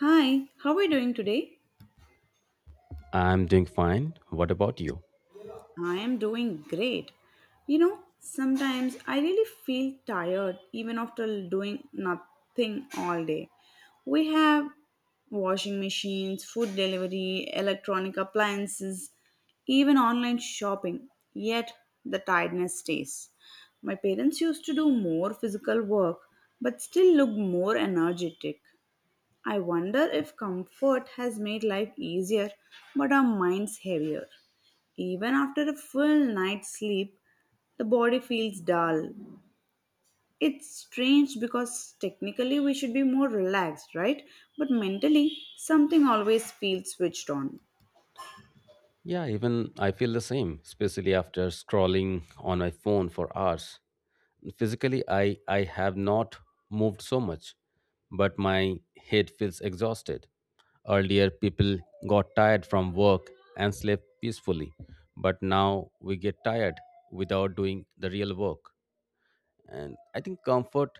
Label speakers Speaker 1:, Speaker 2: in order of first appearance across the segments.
Speaker 1: Hi, how are you doing today?
Speaker 2: I'm doing fine. What about you?
Speaker 1: I am doing great. You know, sometimes I really feel tired even after doing nothing all day. We have washing machines, food delivery, electronic appliances, even online shopping, yet the tiredness stays. My parents used to do more physical work but still look more energetic. I wonder if comfort has made life easier, but our minds heavier. Even after a full night's sleep, the body feels dull. It's strange because technically we should be more relaxed, right? But mentally, something always feels switched on.
Speaker 2: Yeah, even I feel the same, especially after scrolling on my phone for hours. Physically, I have not moved so much, but my head feels exhausted. Earlier, people got tired from work and slept peacefully, but now we get tired without doing the real work. And I think comfort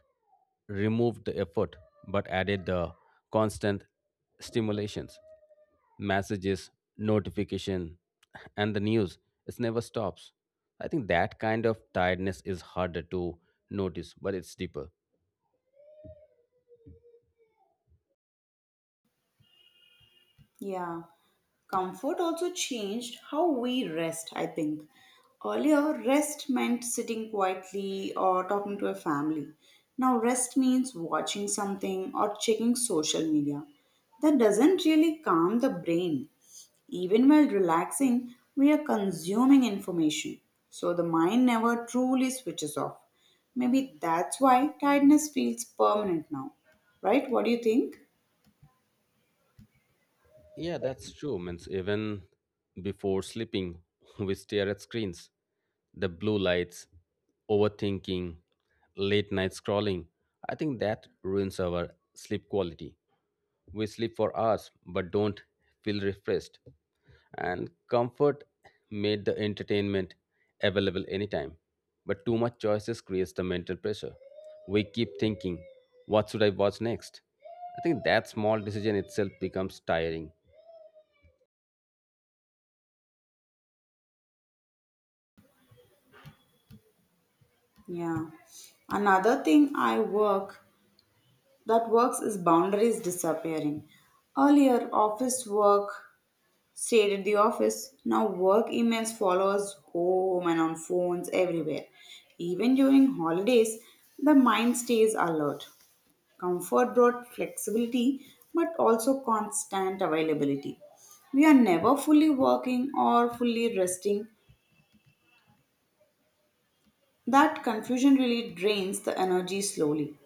Speaker 2: removed the effort but added the constant stimulations, messages, notification, and the news. It never stops. I think that kind of tiredness is harder to notice, but it's deeper.
Speaker 1: Yeah. Comfort also changed how we rest, I think. Earlier, rest meant sitting quietly or talking to a family. Now, rest means watching something or checking social media. That doesn't really calm the brain. Even while relaxing, we are consuming information, so the mind never truly switches off. Maybe that's why tiredness feels permanent now, right? What do you think?
Speaker 2: Yeah, that's true. Means even before sleeping, we stare at screens, the blue lights, overthinking, late night scrolling. I think that ruins our sleep quality. We sleep for hours but don't feel refreshed. And comfort made the entertainment available anytime. But too much choices creates the mental pressure. We keep thinking, what should I watch next? I think that small decision itself becomes tiring.
Speaker 1: Yeah. Another thing I work that works is boundaries disappearing. Earlier, office work stayed at the office. Now, work emails follow us home and on phones everywhere. Even during holidays, the mind stays alert. Comfort brought flexibility, but also constant availability. We are never fully working or fully resting. That confusion really drains the energy slowly.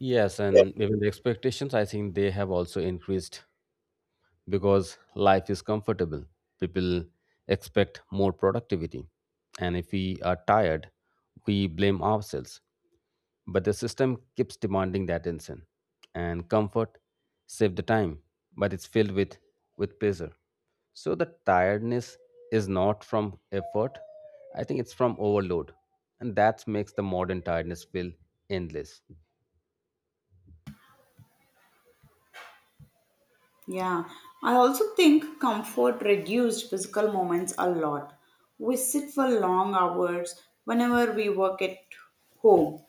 Speaker 2: Yes, and even the expectations, I think they have also increased because life is comfortable. People expect more productivity. And if we are tired, we blame ourselves. But the system keeps demanding that attention. And comfort save the time, but it's filled with pleasure. So the tiredness is not from effort. I think it's from overload. And that makes the modern tiredness feel endless.
Speaker 1: Yeah, I also think comfort reduced physical moments a lot. We sit for long hours whenever we work at home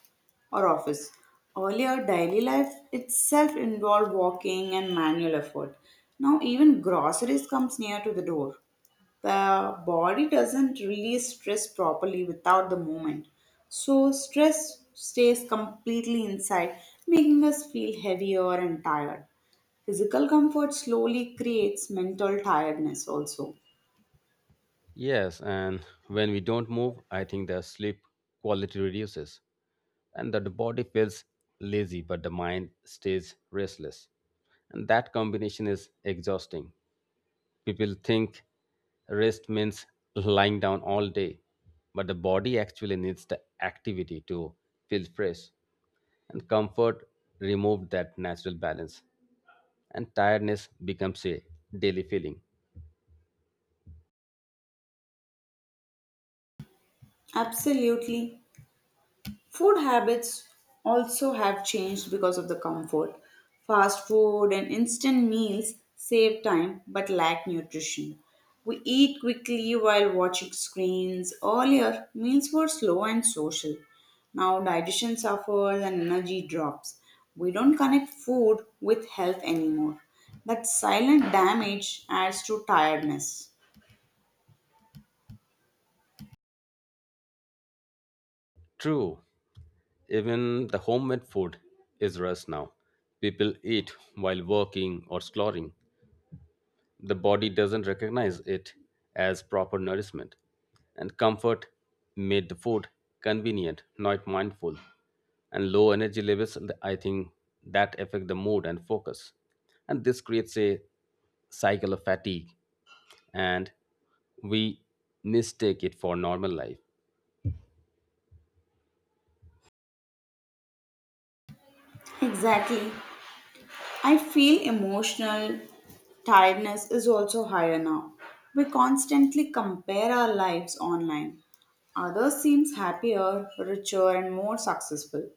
Speaker 1: or office. Earlier, daily life itself involved walking and manual effort. Now, even groceries comes near to the door the body doesn't release stress properly without the movement. So, stress stays completely inside, making us feel heavier and tired. Physical comfort slowly creates mental tiredness, also.
Speaker 2: Yes, and when we don't move, I think the sleep quality reduces and that the body feels lazy but the mind stays restless. And that combination is exhausting. People think rest means lying down all day, but the body actually needs the activity to feel fresh. And comfort removed that natural balance, and tiredness becomes a daily feeling.
Speaker 1: Absolutely. Food habits also have changed because of the comfort. Fast food and instant meals save time but lack nutrition. We eat quickly while watching screens. Earlier, meals were slow and social. Now, digestion suffers and energy drops. We don't connect food with health anymore. That silent damage adds to tiredness.
Speaker 2: True. Even the homemade food is rushed now. People eat while working or exploring. The body doesn't recognize it as proper nourishment. And comfort made the food convenient, not mindful. And low energy levels, I think that affect the mood and focus. And this creates a cycle of fatigue, and we mistake it for normal life.
Speaker 1: Exactly. I feel emotional tiredness is also higher now. We constantly compare our lives online. Others seems happier, richer and more successful.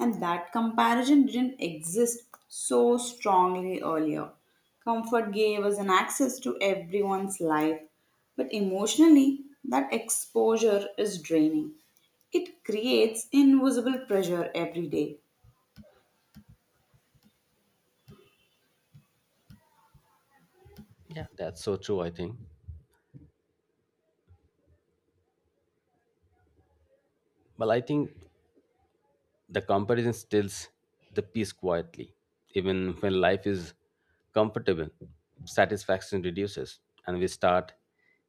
Speaker 1: And that comparison didn't exist so strongly earlier. Comfort gave us an access to everyone's life, but emotionally that exposure is draining. It creates invisible pressure every day.
Speaker 2: Yeah, that's so true, I think. Well, I think the comparison steals the peace quietly. Even when life is comfortable, satisfaction reduces and we start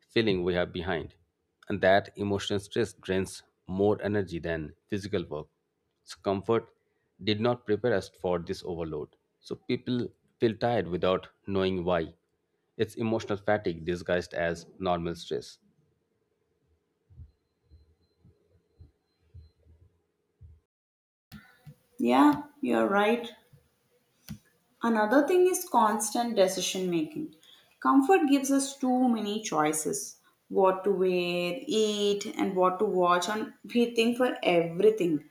Speaker 2: feeling we are behind. And that emotional stress drains more energy than physical work. So, comfort did not prepare us for this overload. So, people feel tired without knowing why. It's emotional fatigue disguised as normal stress.
Speaker 1: Yeah, you're right. Another thing is constant decision making. Comfort gives us too many choices what to wear, eat, and what to watch, and we think for everything.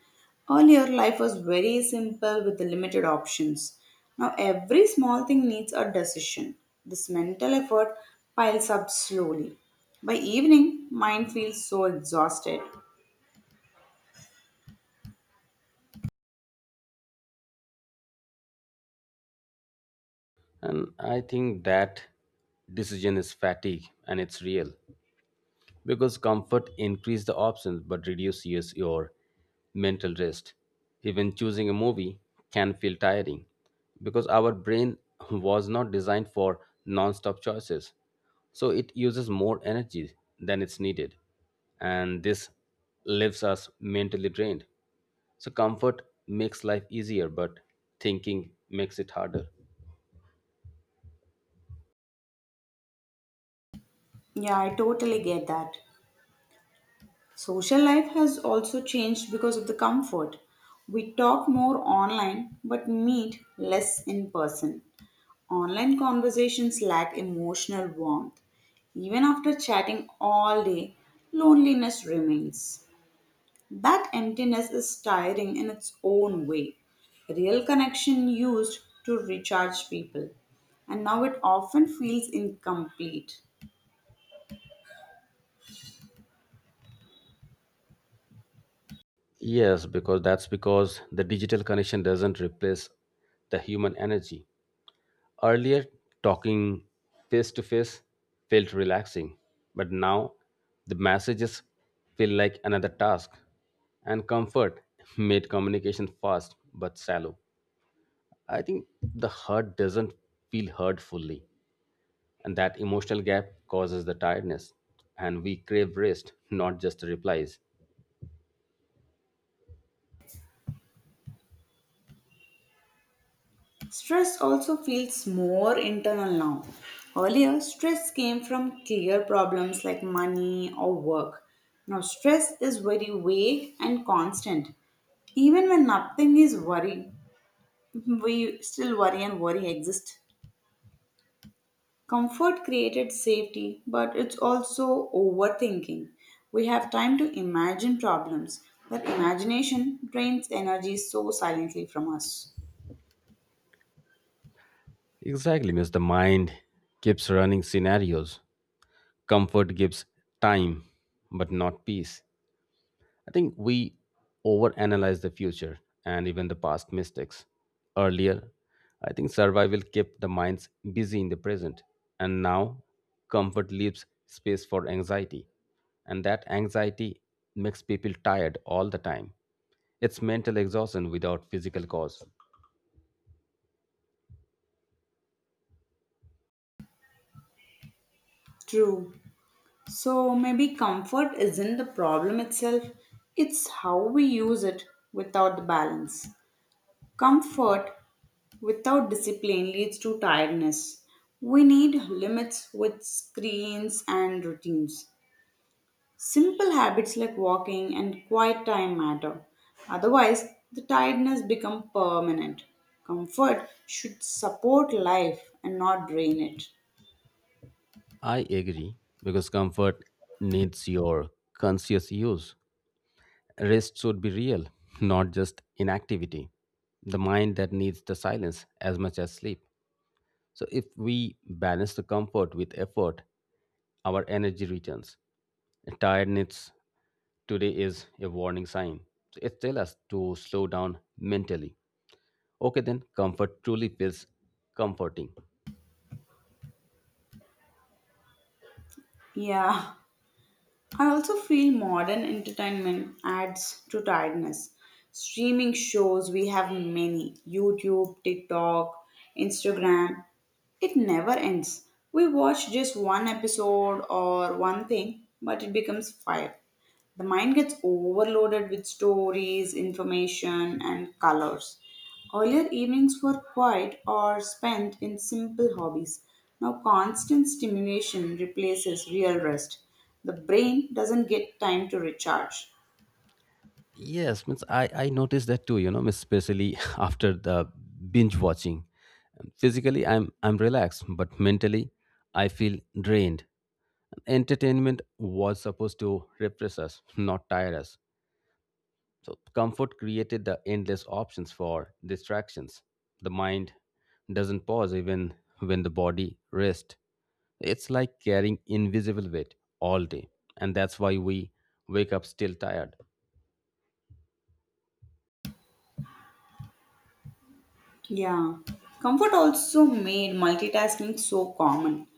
Speaker 1: Earlier, life was very simple with limited options. Now, every small thing needs a decision. This mental effort piles up slowly. By evening, mind feels so exhausted.
Speaker 2: And I think that decision is fatigue, and it's real. Because comfort increase the options but reduces your mental rest. Even choosing a movie can feel tiring, because our brain was not designed for non-stop choices, so it uses more energy than it's needed, and this leaves us mentally drained. So comfort makes life easier, but thinking makes it harder.
Speaker 1: Yeah, I totally get that. Social life has also changed because of the comfort. We talk more online but meet less in person. Online conversations lack emotional warmth. Even after chatting all day, loneliness remains. That emptiness is tiring in its own way. Real connection used to recharge people, and now it often feels incomplete.
Speaker 2: Yes, because that's because the digital connection doesn't replace the human energy. Earlier, talking face to face felt relaxing, but now the messages feel like another task, and comfort made communication fast but shallow. I think the hurt doesn't feel heard fully, and that emotional gap causes the tiredness, and we crave rest, not just replies.
Speaker 1: Stress also feels more internal now. Earlier, stress came from clear problems like money or work. Now, stress is very vague and constant. Even when nothing is worry, we still worry and worry exist. Comfort created safety, but it's also overthinking. We have time to imagine problems, but imagination drains energy so silently from us.
Speaker 2: Exactly, Miss. The mind keeps running scenarios. Comfort gives time, but not peace. I think we overanalyze the future and even the past mistakes. Earlier, I think survival kept the minds busy in the present, and now comfort leaves space for anxiety. And that anxiety makes people tired all the time. It's mental exhaustion without physical cause.
Speaker 1: True. So maybe comfort isn't the problem itself, it's how we use it without the balance. Comfort without discipline leads to tiredness. We need limits with screens and routines. Simple habits like walking and quiet time matter. Otherwise, the tiredness becomes permanent. Comfort should support life and not drain it.
Speaker 2: I agree, because comfort needs your conscious use. Rest should be real, not just inactivity. The mind that needs the silence as much as sleep. So, if we balance the comfort with effort, our energy returns. Tiredness today is a warning sign. So it tells us to slow down mentally. Okay, then comfort truly feels comforting.
Speaker 1: Yeah, I also feel modern entertainment adds to tiredness. Streaming shows, we have many YouTube, TikTok, Instagram. It never ends. We watch just one episode or one thing, but it becomes five. The mind gets overloaded with stories, information, and colors. Earlier evenings were quiet or spent in simple hobbies. Now, constant stimulation replaces real rest. The brain doesn't get time to recharge.
Speaker 2: Yes, means I noticed that too, you know, means especially after the binge watching. Physically, I'm relaxed, but mentally, I feel drained. Entertainment was supposed to refresh us, not tire us. So, comfort created the endless options for distractions. The mind doesn't pause even when the body rests. It's like carrying invisible weight all day. And that's why we wake up still tired.
Speaker 1: Yeah. Comfort also made multitasking so common.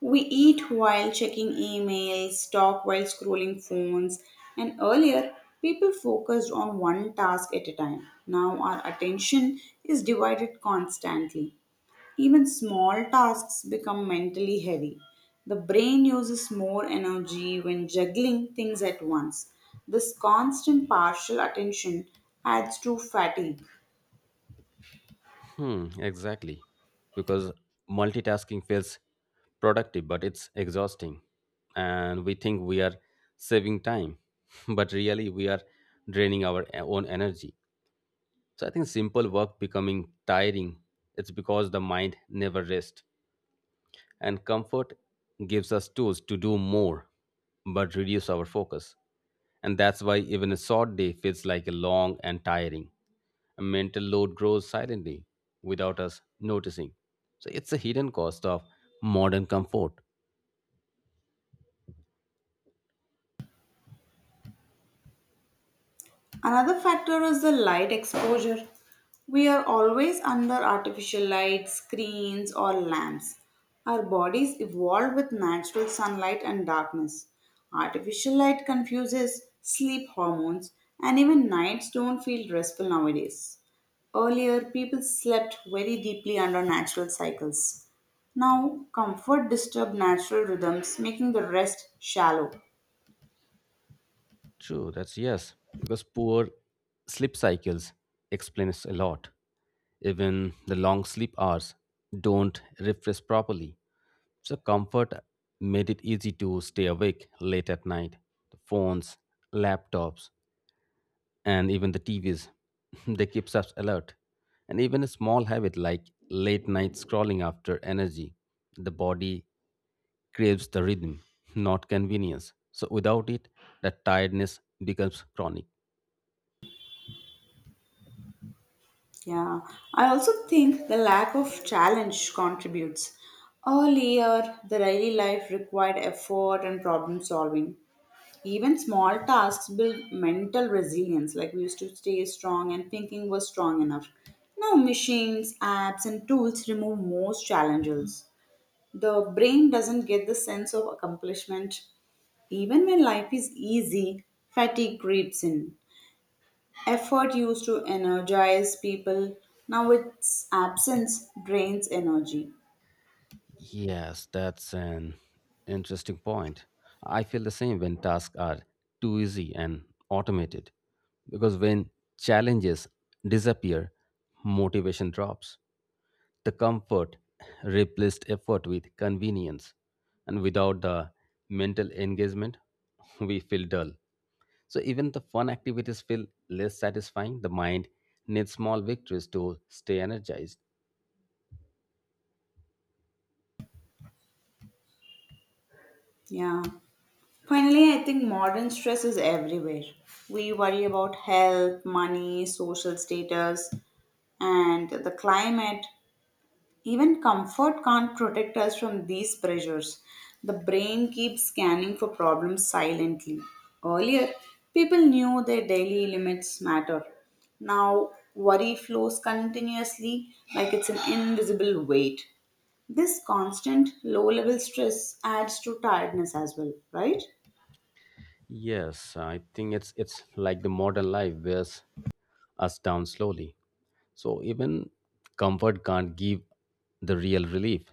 Speaker 1: We eat while checking emails, talk while scrolling phones, and earlier people focused on one task at a time. Now our attention is divided constantly. Even small tasks become mentally heavy. The brain uses more energy when juggling things at once. This constant partial attention adds to fatigue.
Speaker 2: Hmm, exactly. Because multitasking feels productive, but it's exhausting. And we think we are saving time, but really we are draining our own energy. So I think simple work becoming tiring. It's because the mind never rests. And comfort gives us tools to do more but reduce our focus. And that's why even a short day feels like a long and tiring. A mental load grows silently without us noticing. So it's a hidden cost of modern comfort.
Speaker 1: Another factor is the light exposure. We are always under artificial light, screens, or lamps. Our bodies evolved with natural sunlight and darkness. Artificial light confuses sleep hormones, and even nights don't feel restful nowadays. Earlier, people slept very deeply under natural cycles. Now, comfort disturbs natural rhythms, making the rest shallow.
Speaker 2: True, that's yes, because poor sleep cycles explains a lot. Even the long sleep hours don't refresh properly. So comfort made it easy to stay awake late at night. The phones, laptops, and even the TVs, they keeps us alert. And even a small habit like late night scrolling after energy, the body craves the rhythm, not convenience. So without it, the tiredness becomes chronic.
Speaker 1: Yeah, I also think the lack of challenge contributes. Earlier, the daily life required effort and problem solving. Even small tasks build mental resilience, like we used to stay strong and thinking was strong enough. Now, machines, apps, and tools remove most challenges. The brain doesn't get the sense of accomplishment. Even when life is easy, fatigue creeps in. Effort used to energize people, now its absence drains energy.
Speaker 2: Yes, that's an interesting point. I feel the same when tasks are too easy and automated, because when challenges disappear, motivation drops. The comfort replaced effort with convenience, and without the mental engagement, we feel dull. So even the fun activities feel less satisfying. The mind needs small victories to stay energized.
Speaker 1: Yeah. Finally, I think modern stress is everywhere. We worry about health, money, social status, and the climate. Even comfort can't protect us from these pressures. The brain keeps scanning for problems silently. Earlier, people knew their daily limits matter. Now, worry flows continuously like it's an invisible weight. This constant low level stress adds to tiredness as well, right?
Speaker 2: Yes, I think it's like the modern life wears us down slowly. So even comfort can't give the real relief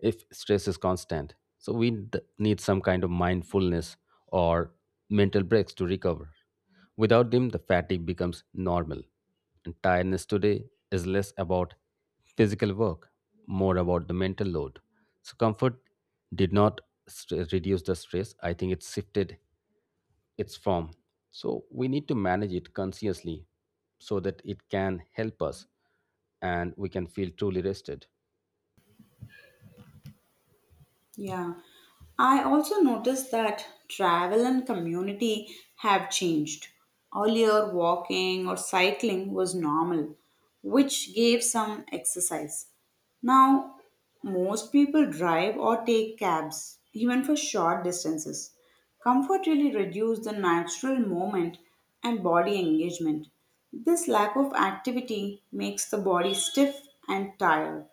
Speaker 2: if stress is constant. So we need some kind of mindfulness or mental breaks to recover. Without them, the fatigue becomes normal. And tiredness today is less about physical work, more about the mental load. So comfort did not reduce the stress. I think it shifted its form. So we need to manage it consciously so that it can help us and we can feel truly rested.
Speaker 1: Yeah. I also noticed that travel and community have changed. Earlier, walking or cycling was normal, which gave some exercise. Now, most people drive or take cabs, even for short distances. Comfort really reduces the natural movement and body engagement. This lack of activity makes the body stiff and tired.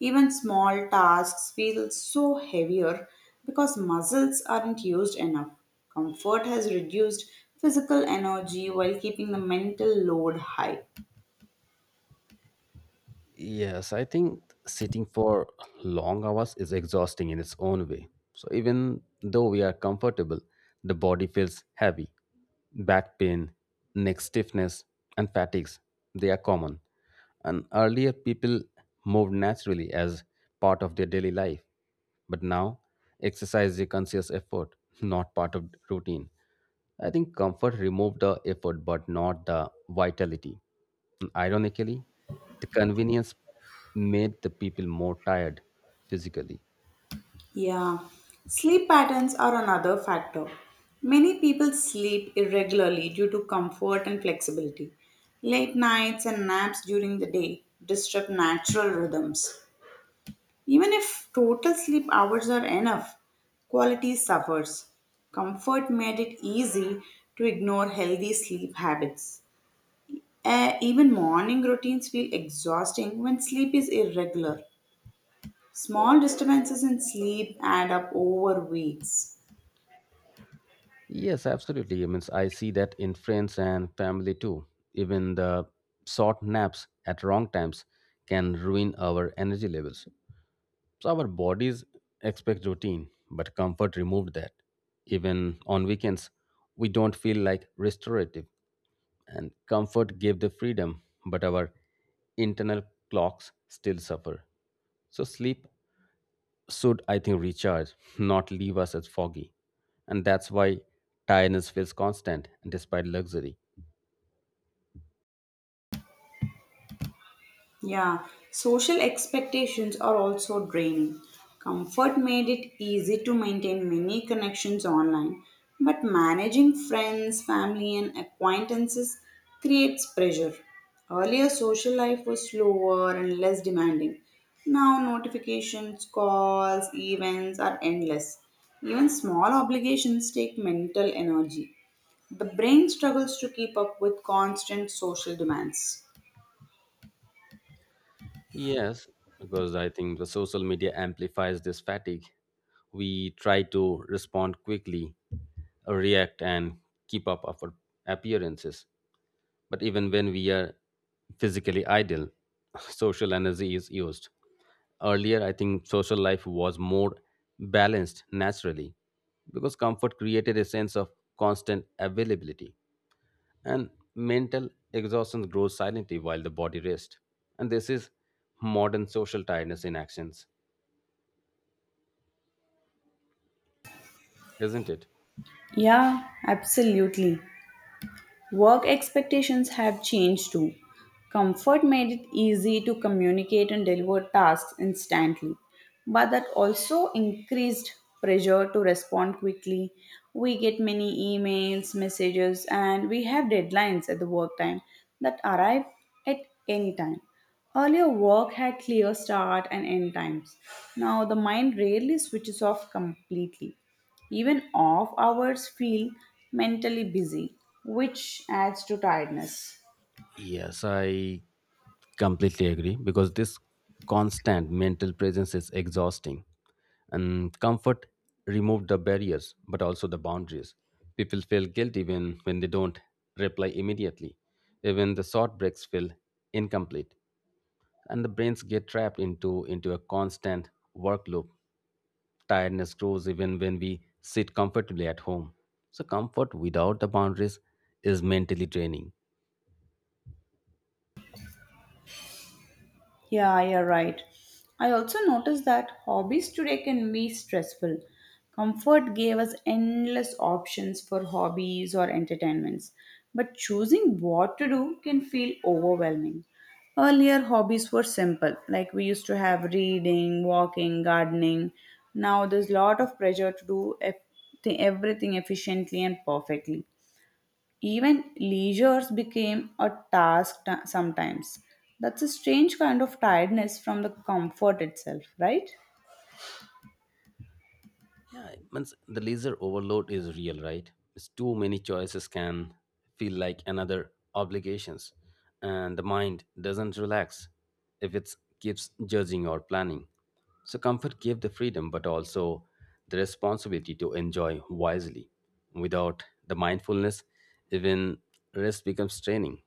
Speaker 1: Even small tasks feel so heavier because muscles aren't used enough. Comfort has reduced physical energy while keeping the mental load high.
Speaker 2: Yes, I think sitting for long hours is exhausting in its own way. So even though we are comfortable, the body feels heavy. Back pain, neck stiffness, and fatigues, they are common. And earlier people moved naturally as part of their daily life. But now exercise is a conscious effort, not part of routine. I think comfort removed the effort but not the vitality. Ironically, the convenience made the people more tired physically.
Speaker 1: Yeah, sleep patterns are another factor. Many people sleep irregularly due to comfort and flexibility. Late nights and naps during the day disrupt natural rhythms. Even if total sleep hours are enough, quality suffers. Comfort made it easy to ignore healthy sleep habits. Even morning routines feel exhausting when sleep is irregular. Small disturbances in sleep add up over weeks.
Speaker 2: Yes, absolutely. I mean, I see that in friends and family too. Even the short naps at wrong times can ruin our energy levels. So our bodies expect routine, but comfort removed that. Even on weekends, we don't feel like restorative. And comfort gave the freedom, but our internal clocks still suffer. So sleep should, I think, recharge, not leave us as foggy. And that's why tiredness feels constant despite luxury.
Speaker 1: Yeah, social expectations are also draining. Comfort made it easy to maintain many connections online, but managing friends, family, and acquaintances creates pressure. Earlier, social life was slower and less demanding. Now, notifications, calls, events are endless. Even small obligations take mental energy. The brain struggles to keep up with constant social demands.
Speaker 2: Yes, because I think the social media amplifies this fatigue. We try to respond quickly, react, and keep up our appearances. But even when we are physically idle, social energy is used. Earlier, I think social life was more balanced naturally, because comfort created a sense of constant availability, and mental exhaustion grows silently while the body rests. And this is modern social tiredness in actions, isn't it?
Speaker 1: Yeah, absolutely. Work expectations have changed too. Comfort made it easy to communicate and deliver tasks instantly, but that also increased pressure to respond quickly. We get many emails, messages, and we have deadlines at the work time that arrive at any time. Earlier, work had clear start and end times. Now, the mind rarely switches off completely. Even off hours feel mentally busy, which adds to tiredness.
Speaker 2: Yes, I completely agree, because this constant mental presence is exhausting. And comfort removed the barriers but also the boundaries. People feel guilty when they don't reply immediately. Even the short breaks feel incomplete. And the brains get trapped into a constant work loop. Tiredness grows even when we sit comfortably at home. So, comfort without the boundaries is mentally draining.
Speaker 1: Yeah, you're right. I also noticed that hobbies today can be stressful. Comfort gave us endless options for hobbies or entertainments, but choosing what to do can feel overwhelming. Earlier, hobbies were simple, like we used to have reading, walking, gardening. Now, there's a lot of pressure to do everything efficiently and perfectly. Even leisures became a sometimes. That's a strange kind of tiredness from the comfort itself, right?
Speaker 2: Yeah, it means the leisure overload is real, right? It's too many choices can feel like another obligations, and the mind doesn't relax if it keeps judging or planning. So, comfort gave the freedom, but also the responsibility to enjoy wisely. Without the mindfulness, even rest becomes training,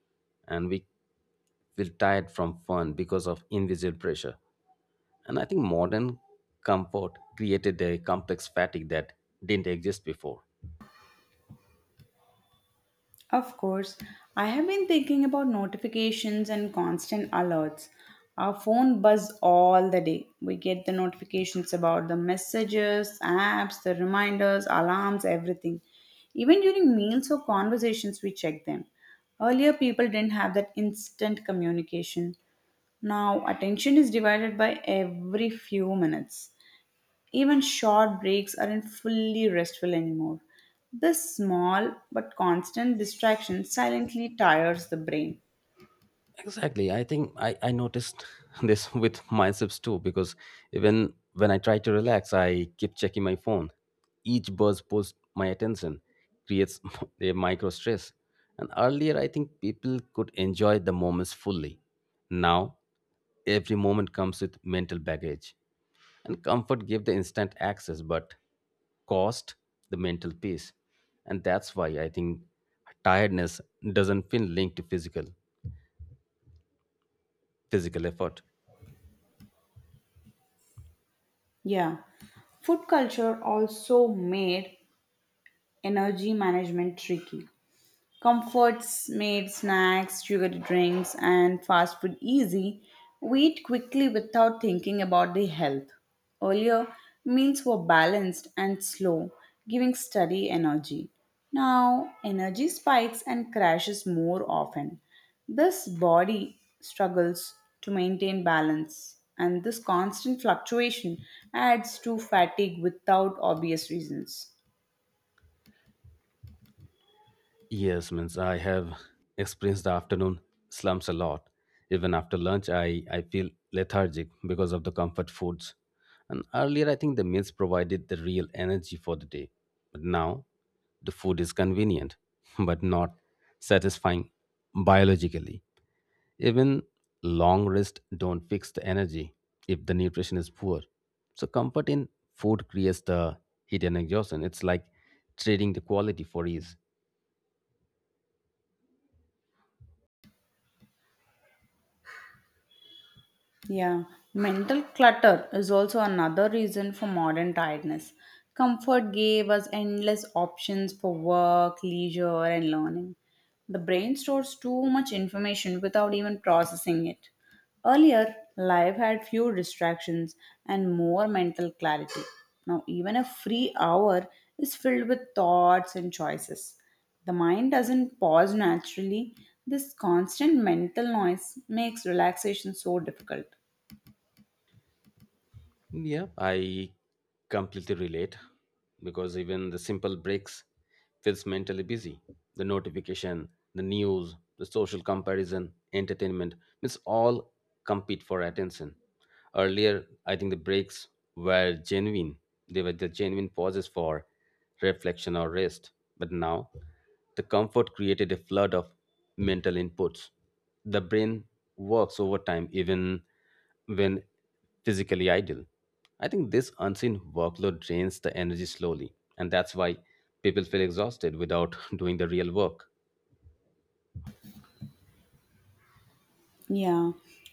Speaker 2: and we feel tired from fun because of invisible pressure. And I think modern comfort created a complex fatigue that didn't exist before.
Speaker 1: Of course, I have been thinking about notifications and constant alerts. Our phone buzz all the day. We get the notifications about the messages, apps, the reminders, alarms, everything. Even during meals or conversations, we check them. Earlier, people didn't have that instant communication. Now, attention is divided by every few minutes. Even short breaks aren't fully restful anymore. This small but constant distraction silently tires the brain.
Speaker 2: Exactly. I think I noticed this with myself too, because even when I try to relax, I keep checking my phone. Each buzz pulls my attention, creates a micro stress. And earlier, I think people could enjoy the moments fully. Now, every moment comes with mental baggage. And comfort gave the instant access, but cost the mental peace. And that's why I think tiredness doesn't feel linked to physical effort.
Speaker 1: Yeah, food culture also made energy management tricky. Comforts made snacks, sugared drinks, and fast food easy. We eat quickly without thinking about the health. Earlier, meals were balanced and slow, giving steady energy. Now, energy spikes and crashes more often. This body struggles to maintain balance, and this constant fluctuation adds to fatigue without obvious reasons.
Speaker 2: Yes, means I have experienced the afternoon slumps a lot. Even after lunch, I feel lethargic because of the comfort foods. And earlier, I think the meals provided the real energy for the day. But now, the food is convenient, but not satisfying biologically. Even long rest don't fix the energy if the nutrition is poor. So comfort in food creates the hidden exhaustion. It's like trading the quality for ease.
Speaker 1: Yeah, mental clutter is also another reason for modern tiredness. Comfort gave us endless options for work, leisure, and learning. The brain stores too much information without even processing it. Earlier, life had fewer distractions and more mental clarity. Now, even a free hour is filled with thoughts and choices. The mind doesn't pause naturally. This constant mental noise makes relaxation so difficult.
Speaker 2: Yeah, I completely relate, because even the simple breaks feels mentally busy. The notification, the news, the social comparison, entertainment, it's all compete for attention. Earlier, I think the breaks were genuine. They were the genuine pauses for reflection or rest. But now, the comfort created a flood of mental inputs. The brain works overtime even when physically idle. I think this unseen workload drains the energy slowly, and that's why people feel exhausted without doing the real work.
Speaker 1: Yeah,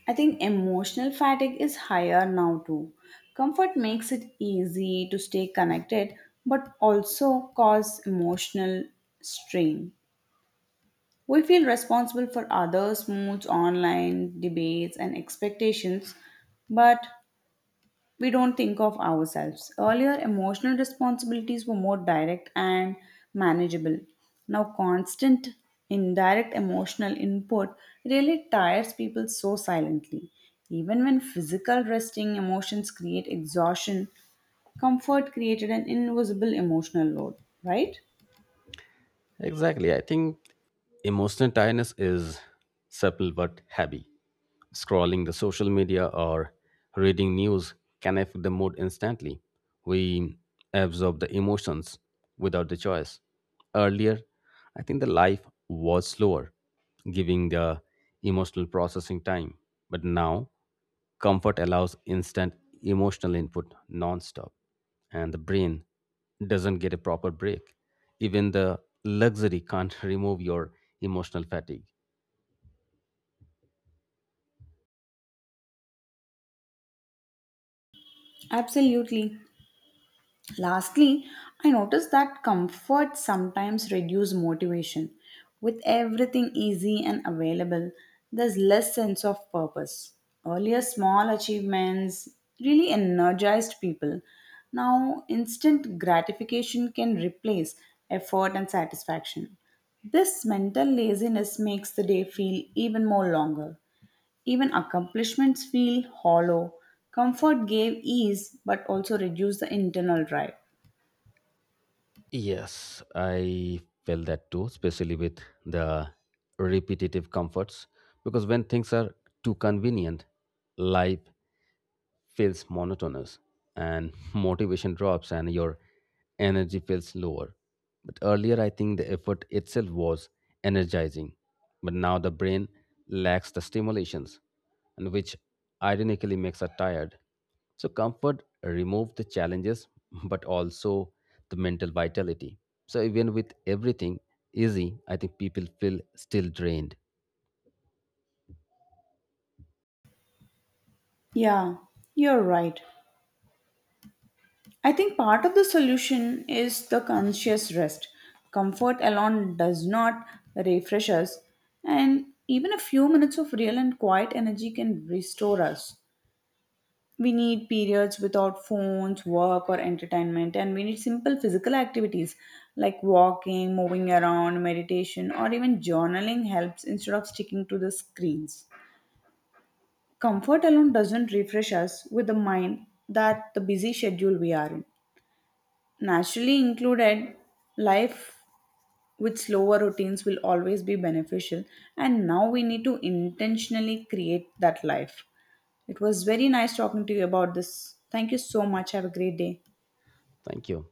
Speaker 1: I think emotional fatigue is higher now too. Comfort makes it easy to stay connected but also cause emotional strain. We feel responsible for others' moods, online debates, and expectations, but we don't think of ourselves. Earlier, emotional responsibilities were more direct and manageable. Now, constant indirect emotional input really tires people so silently. Even when physical resting emotions create exhaustion, comfort created an invisible emotional load, right?
Speaker 2: Exactly. I think emotional tiredness is subtle but heavy. Scrolling the social media or reading news can affect the mood instantly. We absorb the emotions without the choice. Earlier, I think the life was slower, giving the emotional processing time. But now, comfort allows instant emotional input non-stop, and the brain doesn't get a proper break. Even the luxury can't remove your emotional fatigue.
Speaker 1: Absolutely. Lastly, I notice that comfort sometimes reduces motivation. With everything easy and available, there's less sense of purpose. Earlier, small achievements really energized people. Now, instant gratification can replace effort and satisfaction. This mental laziness makes the day feel even more longer. Even accomplishments feel hollow. Comfort gave ease but also reduced the internal drive.
Speaker 2: Yes, I felt that too, especially with the repetitive comforts. Because when things are too convenient, life feels monotonous and motivation drops and your energy feels lower. But earlier, I think the effort itself was energizing. But now the brain lacks the stimulations, and which ironically makes us tired. So comfort removed the challenges, but also the mental vitality. So even with everything easy, I think people feel still drained.
Speaker 1: Yeah, you're right. I think part of the solution is the conscious rest. Comfort alone does not refresh us, and even a few minutes of real and quiet energy can restore us. We need periods without phones, work, or entertainment, and we need simple physical activities like walking, moving around, meditation, or even journaling helps instead of sticking to the screens. Comfort alone doesn't refresh us with the mind that the busy schedule we are in. Naturally included life with slower routines will always be beneficial, and now we need to intentionally create that life. It was very nice talking to you about this. Thank you so much. Have a great day.
Speaker 2: Thank you.